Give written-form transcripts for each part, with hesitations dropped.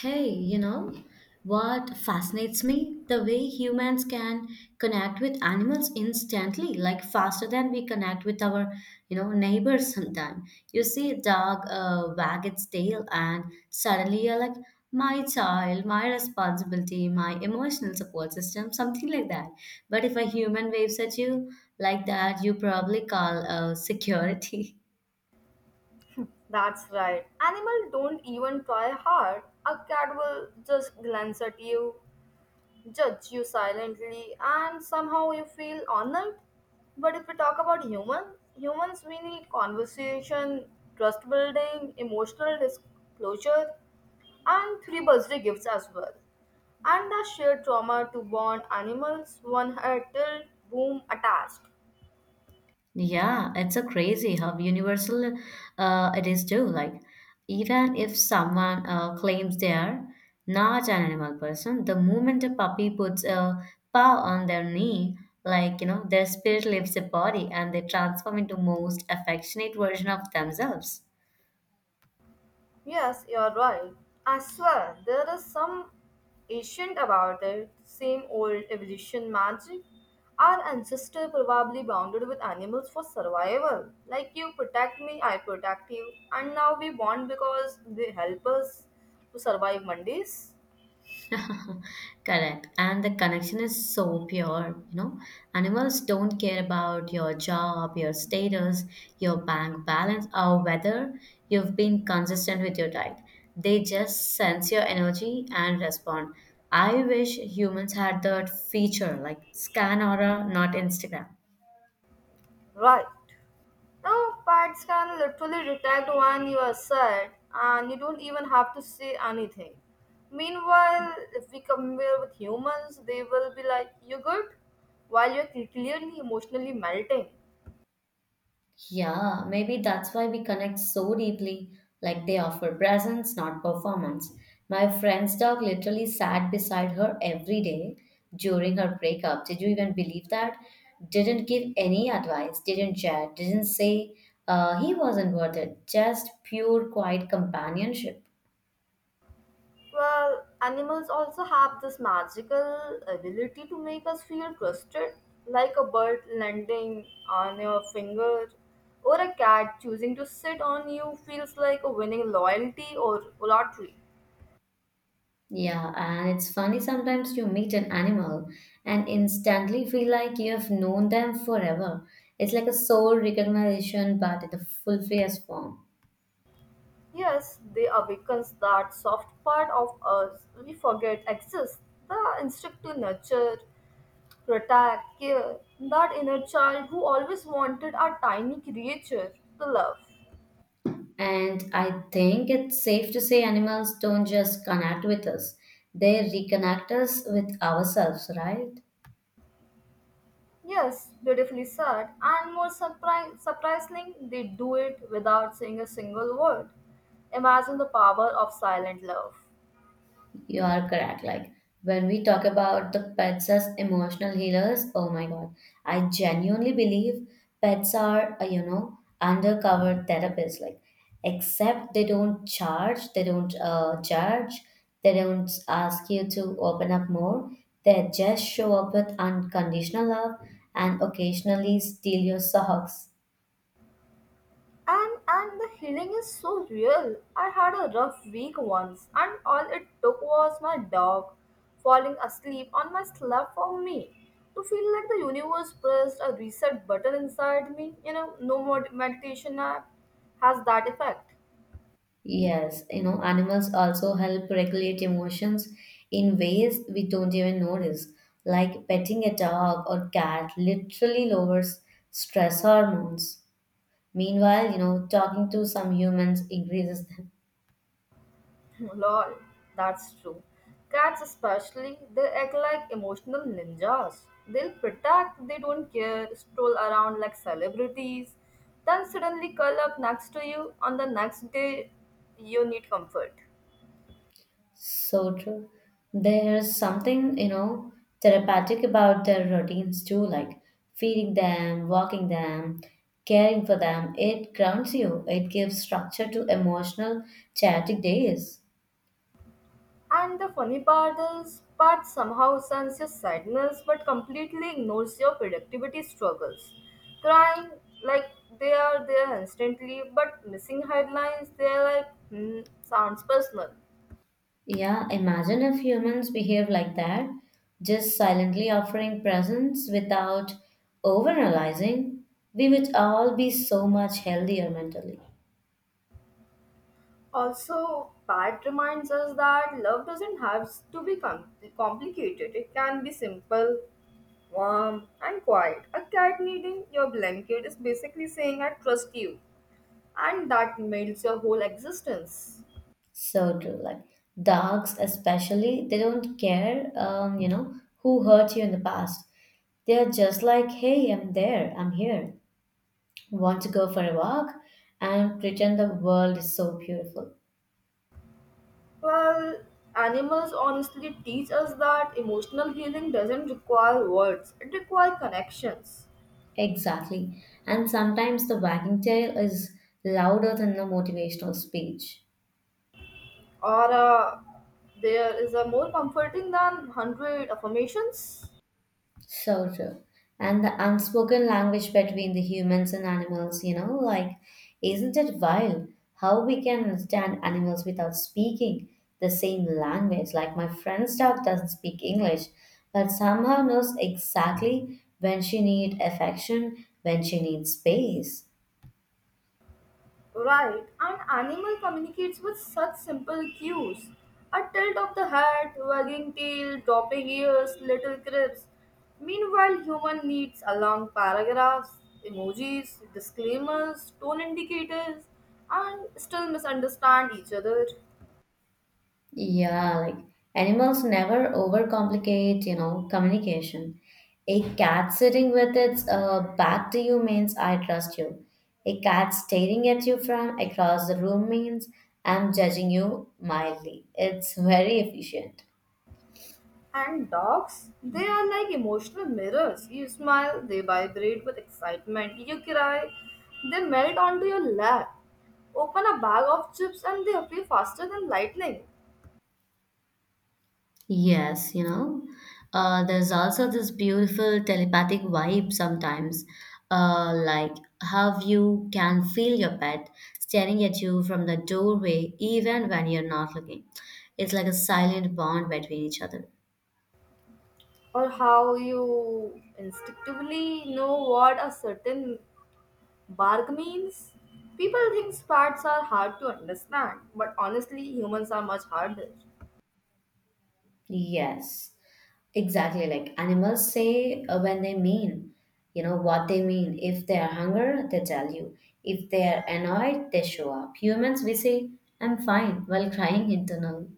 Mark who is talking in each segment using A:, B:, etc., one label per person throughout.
A: Hey, you know what fascinates me? The way humans can connect with animals instantly, like faster than we connect with our, neighbors sometimes. You see a dog wag its tail and suddenly you're like, my child, my responsibility, my emotional support system, something like that. But if a human waves at you like that, you probably call security.
B: That's right. Animals don't even try hard. A cat will just glance at you, judge you silently, and somehow you feel honored. But if we talk about human, humans we need conversation, trust building, emotional disclosure, and three birthday gifts as well. And the shared trauma to bond animals, one head tilt, boom, attached.
A: Yeah, it's a crazy how universal it is too. Like, even if someone claims they are not an animal person, the moment a puppy puts a paw on their knee, like, you know, their spirit leaves the body and they transform into most affectionate version of themselves.
B: Yes, you're right. I swear there is some ancient about it, same old evolution magic. Our ancestors probably bonded with animals for survival. Like you protect me, I protect you. And now we bond because they help us to survive Mondays.
A: Correct. And the connection is so pure, you know. Animals don't care about your job, your status, your bank balance, or whether you've been consistent with your diet. They just sense your energy and respond. I wish humans had that feature like scan aura, not Instagram.
B: Right. No, pets can literally detect when you are sad, and you don't even have to say anything. Meanwhile, if we compare with humans, they will be like, you good? While you're clearly emotionally melting.
A: Yeah, maybe that's why we connect so deeply. Like they offer presence, not performance. My friend's dog literally sat beside her every day during her breakup. Did you even believe that? Didn't give any advice, didn't chat, didn't say he wasn't worth it. Just pure, quiet companionship.
B: Well, animals also have this magical ability to make us feel trusted, like a bird landing on your finger, or a cat choosing to sit on you feels like a winning loyalty or lottery.
A: Yeah, and it's funny sometimes you meet an animal and instantly feel like you have known them forever. It's like a soul recognition, but in the fulfiest form.
B: Yes, they awakens that soft part of us we forget exists. The instinct to nurture, protect, care, that inner child who always wanted a tiny creature to love.
A: And I think it's safe to say animals don't just connect with us, they reconnect us with ourselves, right?
B: Yes, beautifully said. And more surprising, they do it without saying a single word. Imagine the power of silent love.
A: You are correct. Like when we talk about the pets as emotional healers, oh my God, I genuinely believe pets are, you know, undercover therapists. Like, except they don't charge, they don't judge, they don't ask you to open up more. They just show up with unconditional love and occasionally steal your socks.
B: And the healing is so real. I had a rough week once, and all it took was my dog falling asleep on my slab for me to feel like the universe pressed a reset button inside me. You know, no meditation app has that effect.
A: Yes, you know, animals also help regulate emotions in ways we don't even notice. Like petting a dog or cat literally lowers stress hormones. Meanwhile, you know, talking to some humans increases them.
B: Lol, that's true. Cats, especially, they act like emotional ninjas. They'll protect, they don't care, stroll around like celebrities, then suddenly curl up next to you on the next day you need comfort.
A: So true. There's something, you know, therapeutic about their routines too, like feeding them, walking them, caring for them. It grounds you, it gives structure to emotional, chaotic days.
B: And the funny part is, Pat somehow senses your sadness but completely ignores your productivity struggles. Crying like they are there instantly, but missing headlines, they're like, hmm, sounds personal.
A: Yeah, imagine if humans behave like that, just silently offering presents without overanalyzing, we would all be so much healthier mentally.
B: Also, Pat reminds us that love doesn't have to be complicated. It can be simple, warm, and quiet. A cat needing your blanket is basically saying, I trust you, and that melts your whole existence.
A: So true. Like dogs, especially, they don't care, you know, who hurt you in the past. They're just like, hey, I'm there, I'm here. Want to go for a walk and pretend the world is so beautiful.
B: Well, animals honestly teach us that emotional healing doesn't require words, it requires connections.
A: Exactly. And sometimes the wagging tail is louder than the motivational speech.
B: Or, uh, there is a more comforting than 100 affirmations.
A: So true. And the unspoken language between the humans and animals, you know, like, isn't it wild how we can understand animals without speaking the same language? Like, my friend's dog doesn't speak English, but somehow knows exactly when she needs affection, when she needs space.
B: Right, and animal communicates with such simple cues. A tilt of the head, wagging tail, dropping ears, little crisps. Meanwhile, human needs a long paragraphs, emojis, disclaimers, tone indicators, and still misunderstand each other.
A: Yeah, like animals never overcomplicate, you know, communication. A cat sitting with its back to you means I trust you. A cat staring at you from across the room means I'm judging you mildly. It's very efficient.
B: And dogs, they are like emotional mirrors. You smile, they vibrate with excitement. You cry, they melt onto your lap. Open a bag of chips and they appear faster than lightning.
A: Yes, you know, there's also this beautiful telepathic vibe sometimes, like how you can feel your pet staring at you from the doorway even when you're not looking. It's like a silent bond between each other.
B: Or how you instinctively know what a certain bark means. People think spats are hard to understand, but honestly, humans are much harder.
A: Yes, exactly. Like animals say when they mean, you know, what they mean. If they are hungry, they tell you. If they are annoyed, they show up. Humans, we say, I'm fine, while crying internal.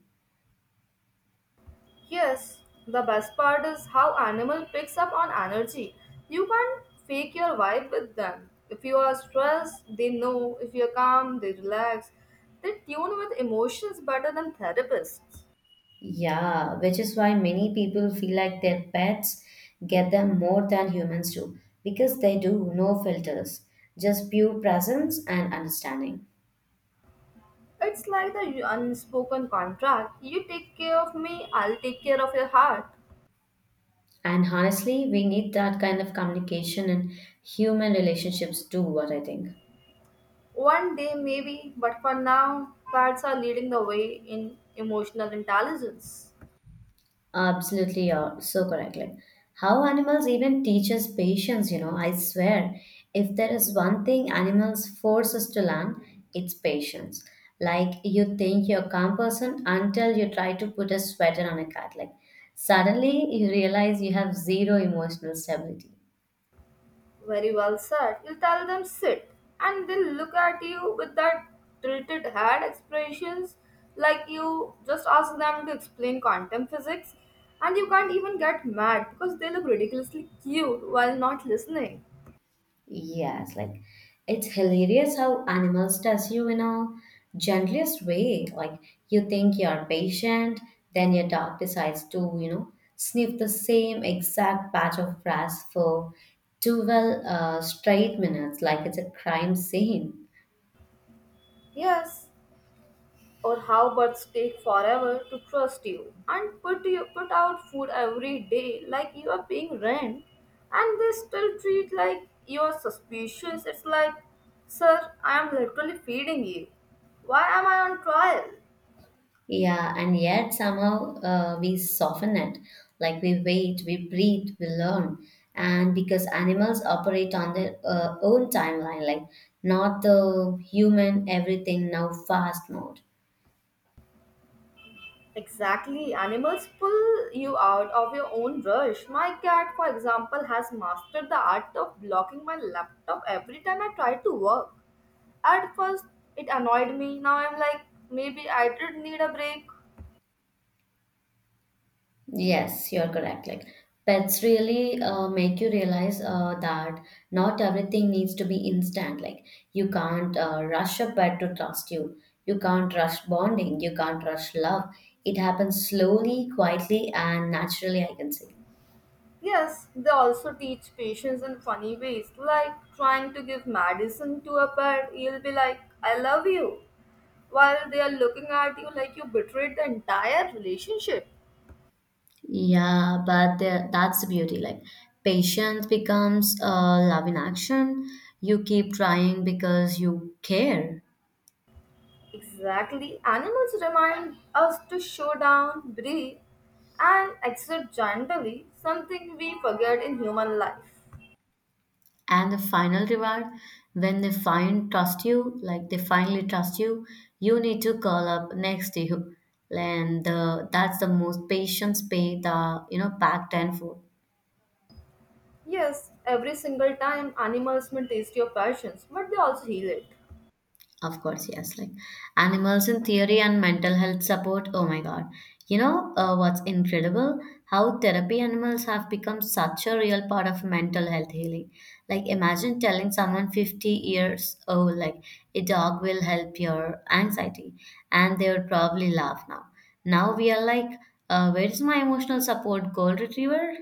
B: Yes, the best part is how animal picks up on energy. You can't fake your vibe with them. If you are stressed, they know. If you're calm, they relax. They tune with emotions better than therapists.
A: Yeah, which is why many people feel like their pets get them more than humans do because they do no filters, just pure presence and understanding.
B: It's like the unspoken contract. You take care of me, I'll take care of your heart.
A: And honestly, we need that kind of communication in human relationships too, what I think.
B: One day maybe, but for now, cats are leading the way in emotional intelligence.
A: Absolutely, you're so correct. Like how animals even teach us patience, you know. I swear, if there is one thing animals force us to learn, it's patience. Like you think you're a calm person until you try to put a sweater on a cat. Like suddenly you realize you have zero emotional stability.
B: Very well said. You tell them sit, and they'll look at you with that tilted head expressions like you just ask them to explain quantum physics, and you can't even get mad because they look ridiculously cute while not listening.
A: Yes, like it's hilarious how animals does you in a gentlest way. Like you think you're patient, then your dog decides to, you know, sniff the same exact patch of grass for 12 straight minutes, like it's a crime scene.
B: Yes, or how birds take forever to trust you and put you put out food every day like you are paying rent and they still treat like you are suspicious. It's like, sir, I am literally feeding you. Why am I on trial?
A: Yeah, and yet somehow we soften it. Like we wait, we breathe, we learn. And because animals operate on their own timeline, like not the human everything now fast mode.
B: Exactly, animals pull you out of your own rush. My cat, for example, has mastered the art of blocking my laptop every time I try to work. At first, it annoyed me. Now I'm like, maybe I did need a break.
A: Yes, you're correct. Like pets really make you realize that not everything needs to be instant. Like you can't rush a pet to trust you. You can't rush bonding. You can't rush love. It happens slowly, quietly, and naturally, I can say.
B: Yes, they also teach patience in funny ways, like trying to give medicine to a pet. You'll be like, I love you, while they are looking at you like you betrayed the entire relationship.
A: Yeah, that's the beauty. Like patience becomes love in action. You keep trying because you care.
B: Exactly. Animals remind us to slow down, breathe, and accept gently, something we forget in human life.
A: And the final reward when they find trust you, like they finally trust you, you need to call up next to you, that's the most patients pay the, you know, back tenfold.
B: Yes, every single time animals may taste your passions, but they also heal it.
A: Of course, yes. Like animals in theory and mental health support. Oh my God. You know what's incredible? How therapy animals have become such a real part of mental health healing. Like imagine telling someone 50 years old, like a dog will help your anxiety, and they would probably laugh now. Now we are like, where's my emotional support, gold retriever?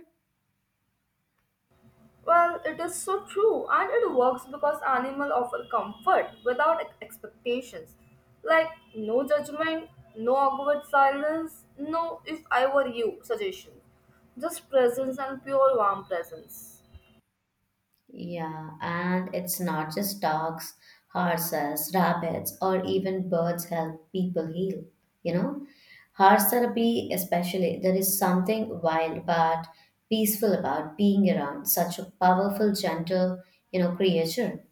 B: Well, it is so true, and it works because animals offer comfort without expectations. Like, no judgment, no awkward silence, no if I were you suggestion. Just presence and pure warm presence.
A: Yeah, and it's not just dogs, horses, rabbits, or even birds help people heal. You know, horse therapy, especially, there is something wild but peaceful about being around such a powerful, gentle, you know, creature.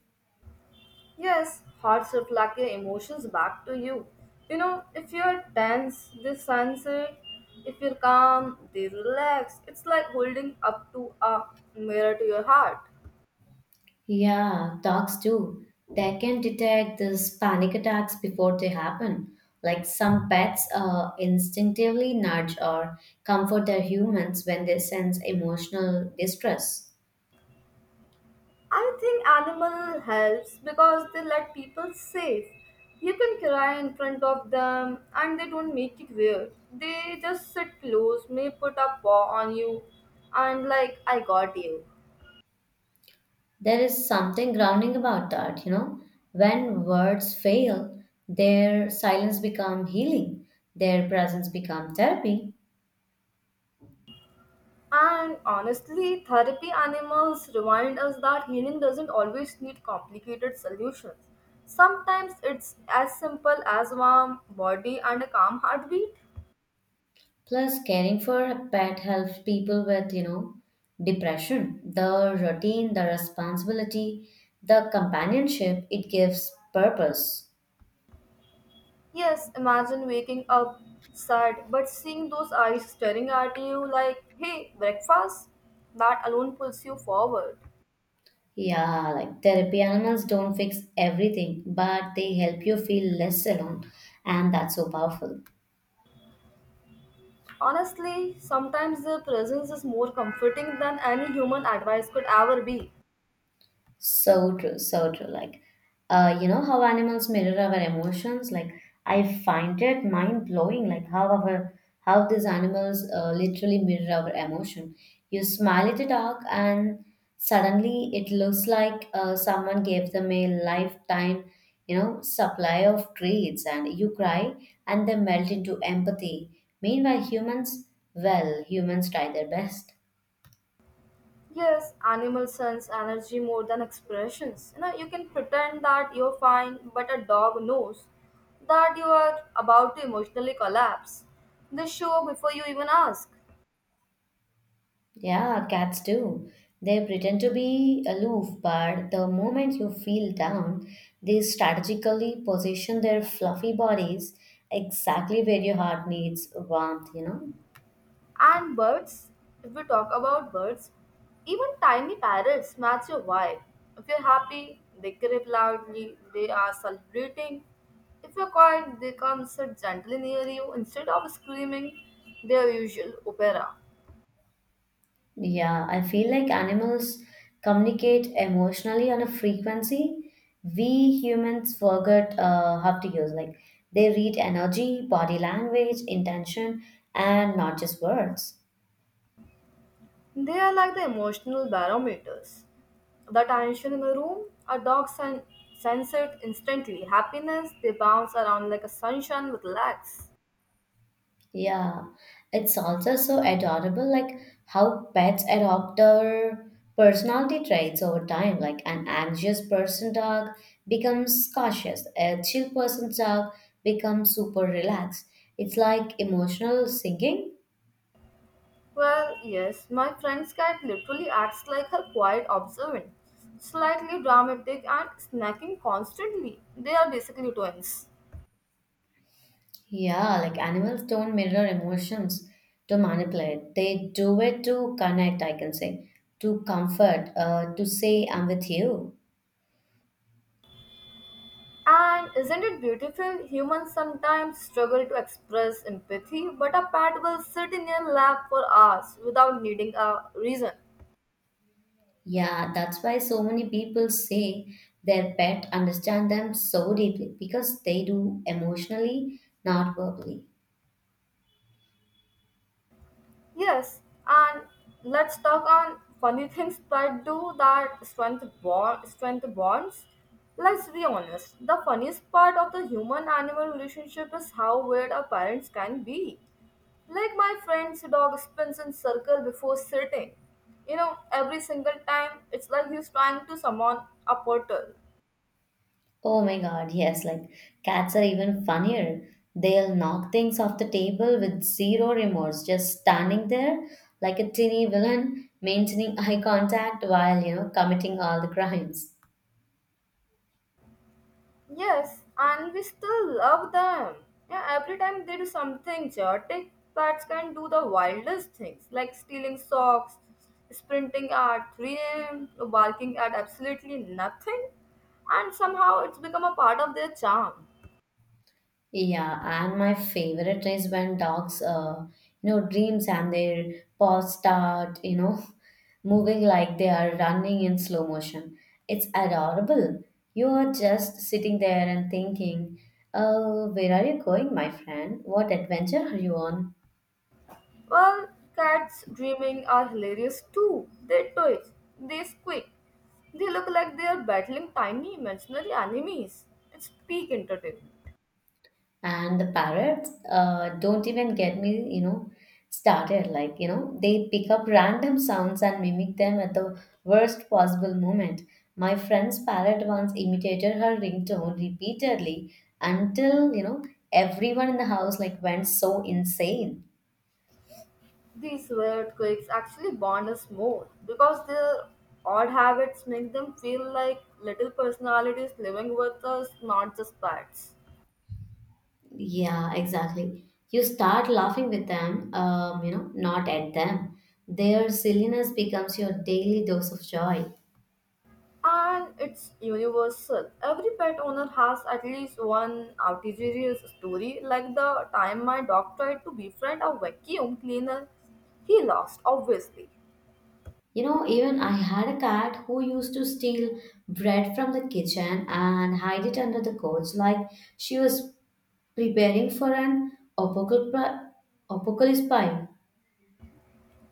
B: Yes, hearts reflect your emotions back to you. You know, if you're tense, they sense it. If you're calm, they relax. It's like holding up to a mirror to your heart.
A: Yeah, dogs do. They can detect these panic attacks before they happen. Like some pets instinctively nudge or comfort their humans when they sense emotional distress.
B: I think animal helps because they let people safe. You can cry in front of them and they don't make it weird. They just sit close, may put a paw on you and like I got you.
A: There is something grounding about that, you know. When words fail, their silence become healing, their presence become therapy.
B: And honestly, therapy animals remind us that healing doesn't always need complicated solutions. Sometimes it's as simple as warm body and a calm heartbeat.
A: Plus, caring for a pet helps people with, you know, depression. The routine, the responsibility, the companionship, it gives purpose.
B: Yes, imagine waking up sad but seeing those eyes staring at you like, hey, breakfast? That alone pulls you forward.
A: Yeah, like therapy animals don't fix everything, but they help you feel less alone, and that's so powerful.
B: Honestly, sometimes their presence is more comforting than any human advice could ever be.
A: So true, so true. Like, you know how animals mirror our emotions. Like, I find it mind blowing. Like how these animals literally mirror our emotion. You smile at a dog, and suddenly it looks like someone gave them a lifetime, you know, supply of treats. And you cry, and they melt into empathy. Meanwhile, humans, well, humans try their best.
B: Yes, animals sense energy more than expressions. You know, you can pretend that you're fine, but a dog knows that you are about to emotionally collapse. They show before you even ask.
A: Yeah, cats do. They pretend to be aloof, but the moment you feel down, they strategically position their fluffy bodies exactly where your heart needs warmth, you know?
B: And birds, if we talk about birds, even tiny parrots match your vibe. If you're happy, they crip loudly, they are celebrating. If you're quiet, they come sit gently near you instead of screaming their usual opera.
A: Yeah, I feel like animals communicate emotionally on a frequency we humans forget how to use. Like, they read energy, body language, intention, and not just words.
B: They are like the emotional barometers. The tension in a room, a sense it instantly. Happiness, they bounce around like a sunshine with legs.
A: Yeah, it's also so adorable, like how pets adopt their personality traits over time. Like an anxious person dog becomes cautious, a chill person's dog becomes super relaxed. It's like emotional singing.
B: Well, yes, my friend's cat literally acts like her quiet observant, slightly dramatic and snacking constantly. They are basically twins.
A: Yeah, like animals don't mirror emotions to manipulate. They do it to connect, I can say, to comfort, to say, I'm with you.
B: And isn't it beautiful? Humans sometimes struggle to express empathy, but a pet will sit in your lap for hours without needing a reason.
A: Yeah, that's why so many people say their pet understand them so deeply because they do emotionally, not verbally.
B: Yes, and let's talk on funny things that do that strength bond strength bonds. Let's be honest. The funniest part of the human animal relationship is how weird our parents can be. Like my friend's dog spins in circle before sitting. You know, every single time it's like he's trying to summon a portal.
A: Oh my god, yes, like cats are even funnier. They'll knock things off the table with zero remorse, just standing there like a teeny villain, maintaining eye contact while, you know, committing all the crimes.
B: Yes, and we still love them. Yeah, every time they do something chaotic, cats can do the wildest things like stealing socks, sprinting at 3 a.m., barking at absolutely nothing, and somehow it's become a part of their charm.
A: Yeah, and my favorite is when dogs, you know, dreams and their paws start, you know, moving like they are running in slow motion. It's adorable. You are just sitting there and thinking, oh, where are you going, my friend? What adventure are you on?
B: Well, cats dreaming are hilarious too. They twitch, they squeak, they look like they are battling tiny imaginary enemies. It's peak entertainment.
A: And the parrots don't even get me, you know, started, like, you know, they pick up random sounds and mimic them at the worst possible moment. My friend's parrot once imitated her ringtone repeatedly until, you know, everyone in the house like went so insane.
B: These earthquakes actually bond us more because their odd habits make them feel like little personalities living with us, not just pets.
A: Yeah, exactly. You start laughing with them, you know, not at them. Their silliness becomes your daily dose of joy.
B: And it's universal. Every pet owner has at least one outrageous story, like the time my dog tried to befriend a vacuum cleaner. He lost, obviously.
A: You know, even I had a cat who used to steal bread from the kitchen and hide it under the couch like she was preparing for an apocalypse apocalypse pie.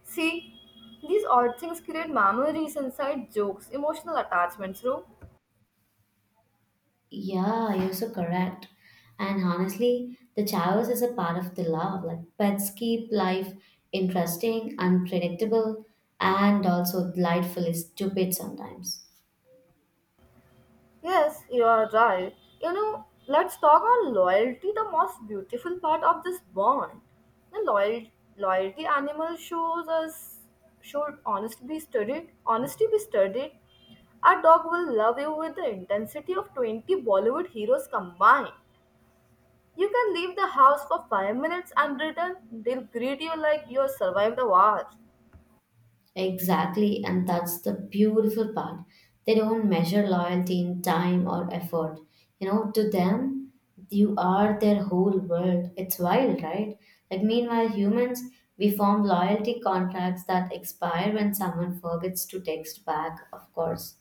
B: See, these odd things create memories inside jokes, emotional attachments, Ru.
A: Yeah, you're so correct. And honestly, the chaos is a part of the love. Like pets keep life interesting, unpredictable, and also delightfully stupid sometimes.
B: Yes, you are right. You know, let's talk on loyalty, the most beautiful part of this bond. The loyalty animal shows us should honesty be studied. Honesty be studied. Our dog will love you with the intensity of 20 Bollywood heroes combined. You can leave the house for 5 minutes and return. They'll greet you like you survived the war.
A: Exactly, and that's the beautiful part. They don't measure loyalty in time or effort. You know, to them, you are their whole world. It's wild, right? Like, meanwhile, humans, we form loyalty contracts that expire when someone forgets to text back, of course.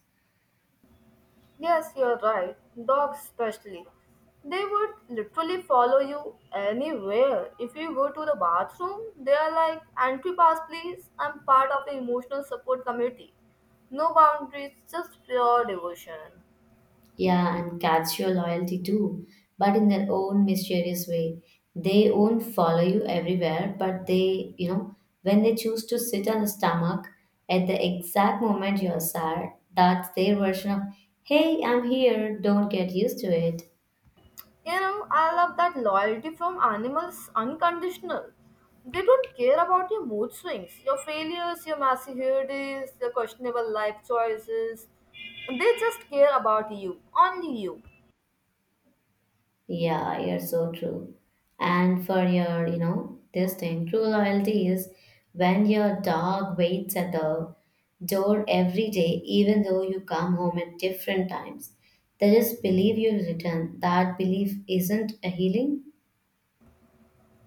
B: Yes, you're right. Dogs, especially. They would literally follow you anywhere. If you go to the bathroom, they are like, entry pass, please. I'm part of the emotional support committee. No boundaries, just pure devotion.
A: Yeah, and catch your loyalty too, but in their own mysterious way. They won't follow you everywhere, but they, you know, when they choose to sit on the stomach at the exact moment you're sad, that's their version of, hey, I'm here, don't get used to it.
B: You know, I love that loyalty from animals unconditional. They don't care about your mood swings, your failures, your messy hair days, your questionable life choices. They just care about you, only you.
A: Yeah, you're so true. And for your, you know, this thing, true loyalty is when your dog waits at the door every day, even though you come home at different times. They just believe you'll return. That belief isn't a healing.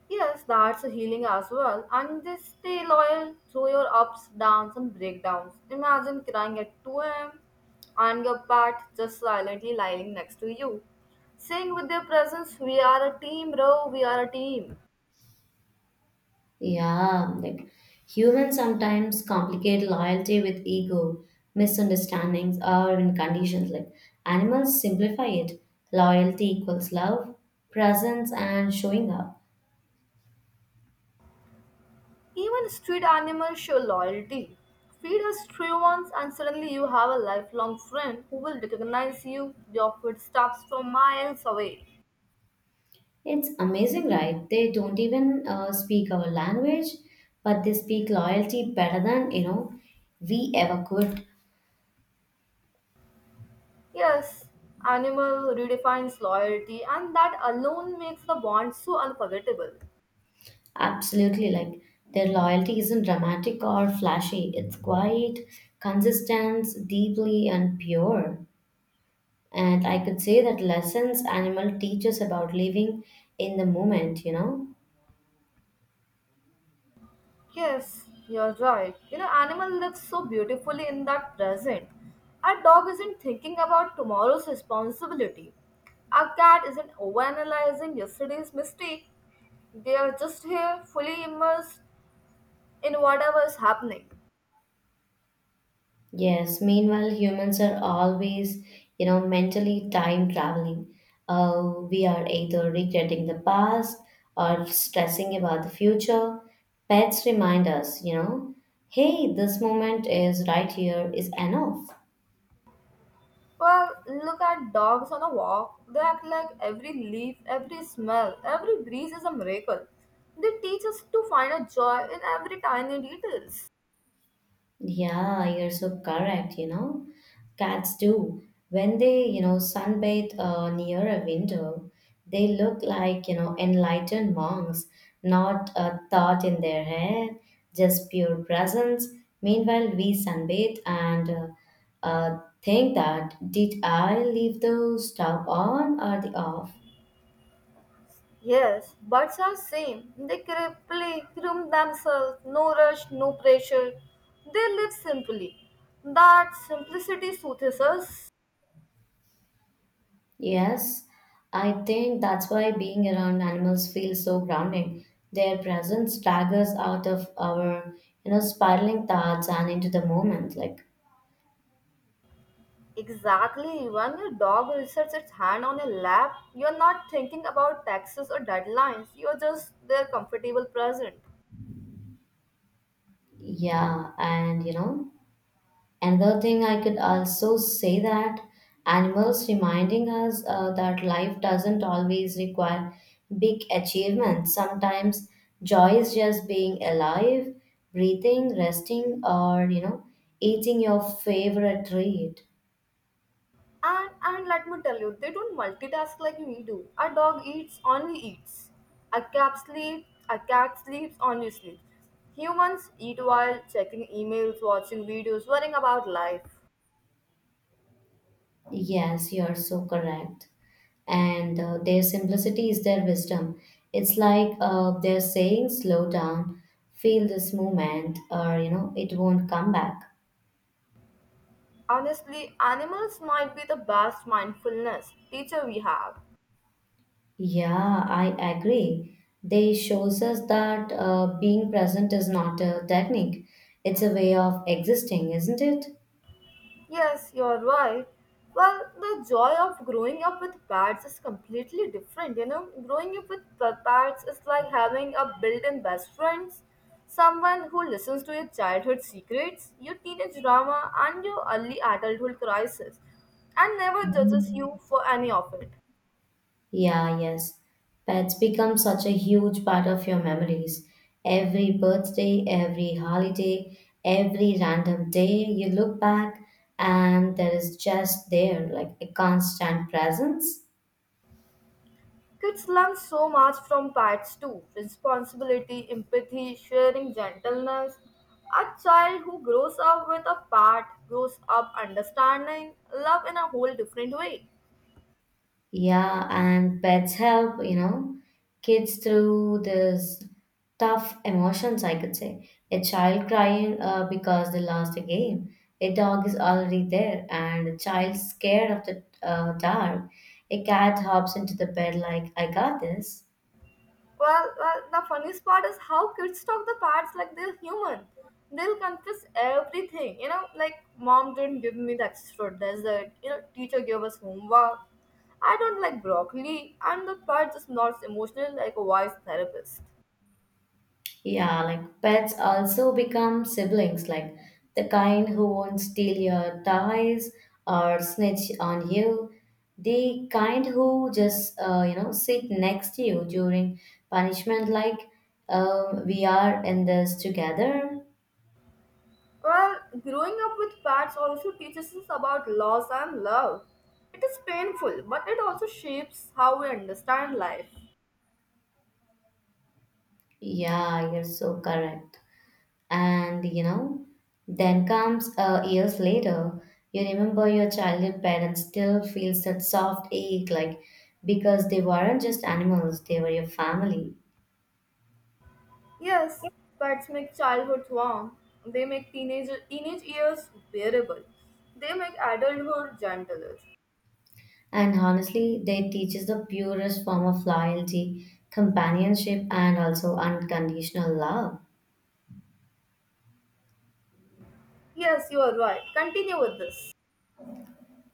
B: Yes, that's a healing as well. And they stay loyal through your ups, downs, and breakdowns. Imagine crying at 2 a.m. and your pet just silently lying next to you. Saying with their presence, we are a team, bro, we are a team.
A: Yeah, like humans sometimes complicate loyalty with ego, misunderstandings, or even conditions. Like animals simplify it. Loyalty equals love, presence, and showing up.
B: Even street animals show loyalty. Feed a stray once, and suddenly you have a lifelong friend who will recognize you, your footsteps from miles away.
A: It's amazing, right? They don't even speak our language, but they speak loyalty better than you know we ever could.
B: Yes, animal redefines loyalty, and that alone makes the bond so unforgettable.
A: Absolutely, like their loyalty isn't dramatic or flashy. It's quite consistent, deeply and pure. And I could say that lessons animal teaches about living in the moment. You know.
B: Yes, you're right. You know, animal lives so beautifully in that present. A dog isn't thinking about tomorrow's responsibility. A cat isn't overanalyzing yesterday's mistake. They are just here, fully immersed in whatever is happening.
A: Yes, meanwhile, humans are always, you know, mentally time traveling. We are either regretting the past or stressing about the future. Pets remind us, you know, hey, this moment is right here is enough.
B: Well, look at dogs on a walk. They act like every leaf, every smell, every breeze is a miracle. They teach us to find a joy in every tiny details.
A: Yeah, you're so correct, you know. Cats do. When they, you know, sunbathe near a window, they look like, you know, enlightened monks, not a thought in their head, just pure presence. Meanwhile, we sunbathe and think that did I leave the stove on or the off?
B: Yes, birds are same. They play, groom themselves, no rush, no pressure. They live simply. That simplicity soothes us.
A: Yes, I think that's why being around animals feels so grounding. Their presence staggers out of our, you know, spiraling thoughts and into the moment. Like,
B: Exactly. When your dog rests its hand on your lap, you're not thinking about taxes or deadlines. You're just their comfortable present.
A: yeah, and you know, another thing I could also say that animals reminding us that life doesn't always require big achievements. Sometimes joy is just being alive, breathing, resting, or you know, eating your favorite treat.
B: And let me tell you, they don't multitask like we do. A dog eats, only eats. A cat sleeps, only sleeps. Humans eat while checking emails, watching videos, worrying about life.
A: Yes, you are so correct. And their simplicity is their wisdom. It's like they're saying, slow down, feel this moment, or you know, it won't come back.
B: Honestly, animals might be the best mindfulness teacher we have.
A: Yeah, I agree. They shows us that being present is not a technique; it's a way of existing, isn't it?
B: Yes, you're right. Well, the joy of growing up with pets is completely different, you know. Growing up with pets is like having a built-in best friends, someone who listens to your childhood secrets, your teenage drama, and your early adulthood crisis, and never judges
A: Mm.
B: you for any of it.
A: Yeah, yes. Pets become such a huge part of your memories. Every birthday, every holiday, every random day you look back and there is just there like a constant presence.
B: Kids learn so much from pets too responsibility, empathy, sharing, gentleness. A child who grows up with a pet grows up understanding love in a whole different way.
A: Yeah, and pets help, you know, kids through this tough emotions, I could say. A child crying because they lost a game. A dog is already there, and a child scared of the dark. A cat hops into the bed like, I got this.
B: Well, well, the funniest part is how kids talk the pets like they're human. They'll confess everything, you know, like mom didn't give me the extra dessert, you know, teacher gave us homework. I don't like broccoli, and the pet just nods emotionally like a wise therapist.
A: Yeah, like pets also become siblings, like the kind who won't steal your toys or snitch on you, the kind who just you know sit next to you during punishment, like we are in this together.
B: Well, growing up with pets also teaches us about loss and love. It is painful, but it also shapes how we understand life.
A: Yeah, you're so correct. And you know, then comes years later, you remember your childhood parents still feels that soft ache, like because they weren't just animals, they were your family.
B: Yes, pets make childhood warm. They make teenage years bearable. They make adulthood gentler.
A: And honestly, they teaches the purest form of loyalty, companionship, and also unconditional love.
B: Yes, you are right. Continue with this.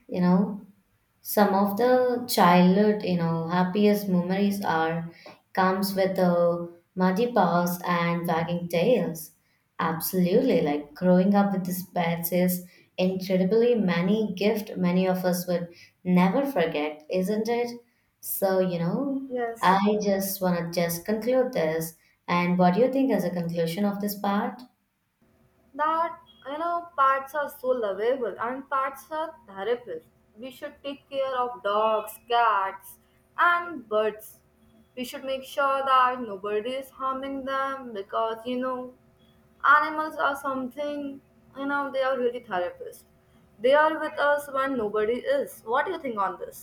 A: You know, some of the childhood you know happiest memories are comes with the muddy paws and wagging tails absolutely like growing up with these pets is incredibly many gift many of us would never forget isn't it so you know
B: Yes,
A: I just want to just conclude this and what do you think as a conclusion of this part
B: that you know pets are so lovable and pets are therapists, we should take care of dogs, cats, and birds. We should make sure that nobody is harming them because you know animals are something, you know, they are really therapists. They are with us when nobody is. What do you think on this?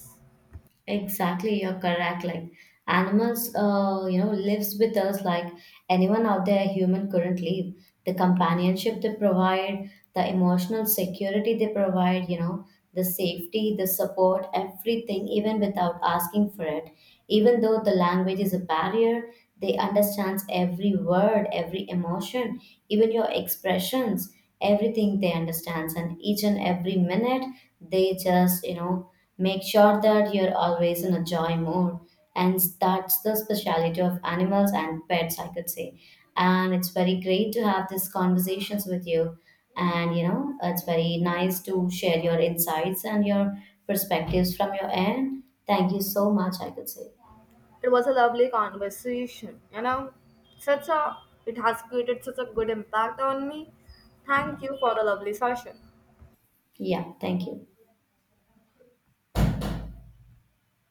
A: exactly you're correct like animals, you know, lives with us like anyone out there human couldn't live. The companionship they provide, the emotional security they provide, you know, the safety, the support, everything, even without asking for it. Even though the language is a barrier, they understands every word, every emotion, even your expressions, everything they understands. And each and every minute, they just, you know, make sure that you're always in a joy mood and that's the speciality of animals and pets I could say and it's very great to have these conversations with you and you know it's very nice to share your insights and your perspectives from your end thank you so much I could say
B: It was a lovely conversation, you know, such a, it has created such a good impact on me. Thank you for the lovely session.
A: yeah thank you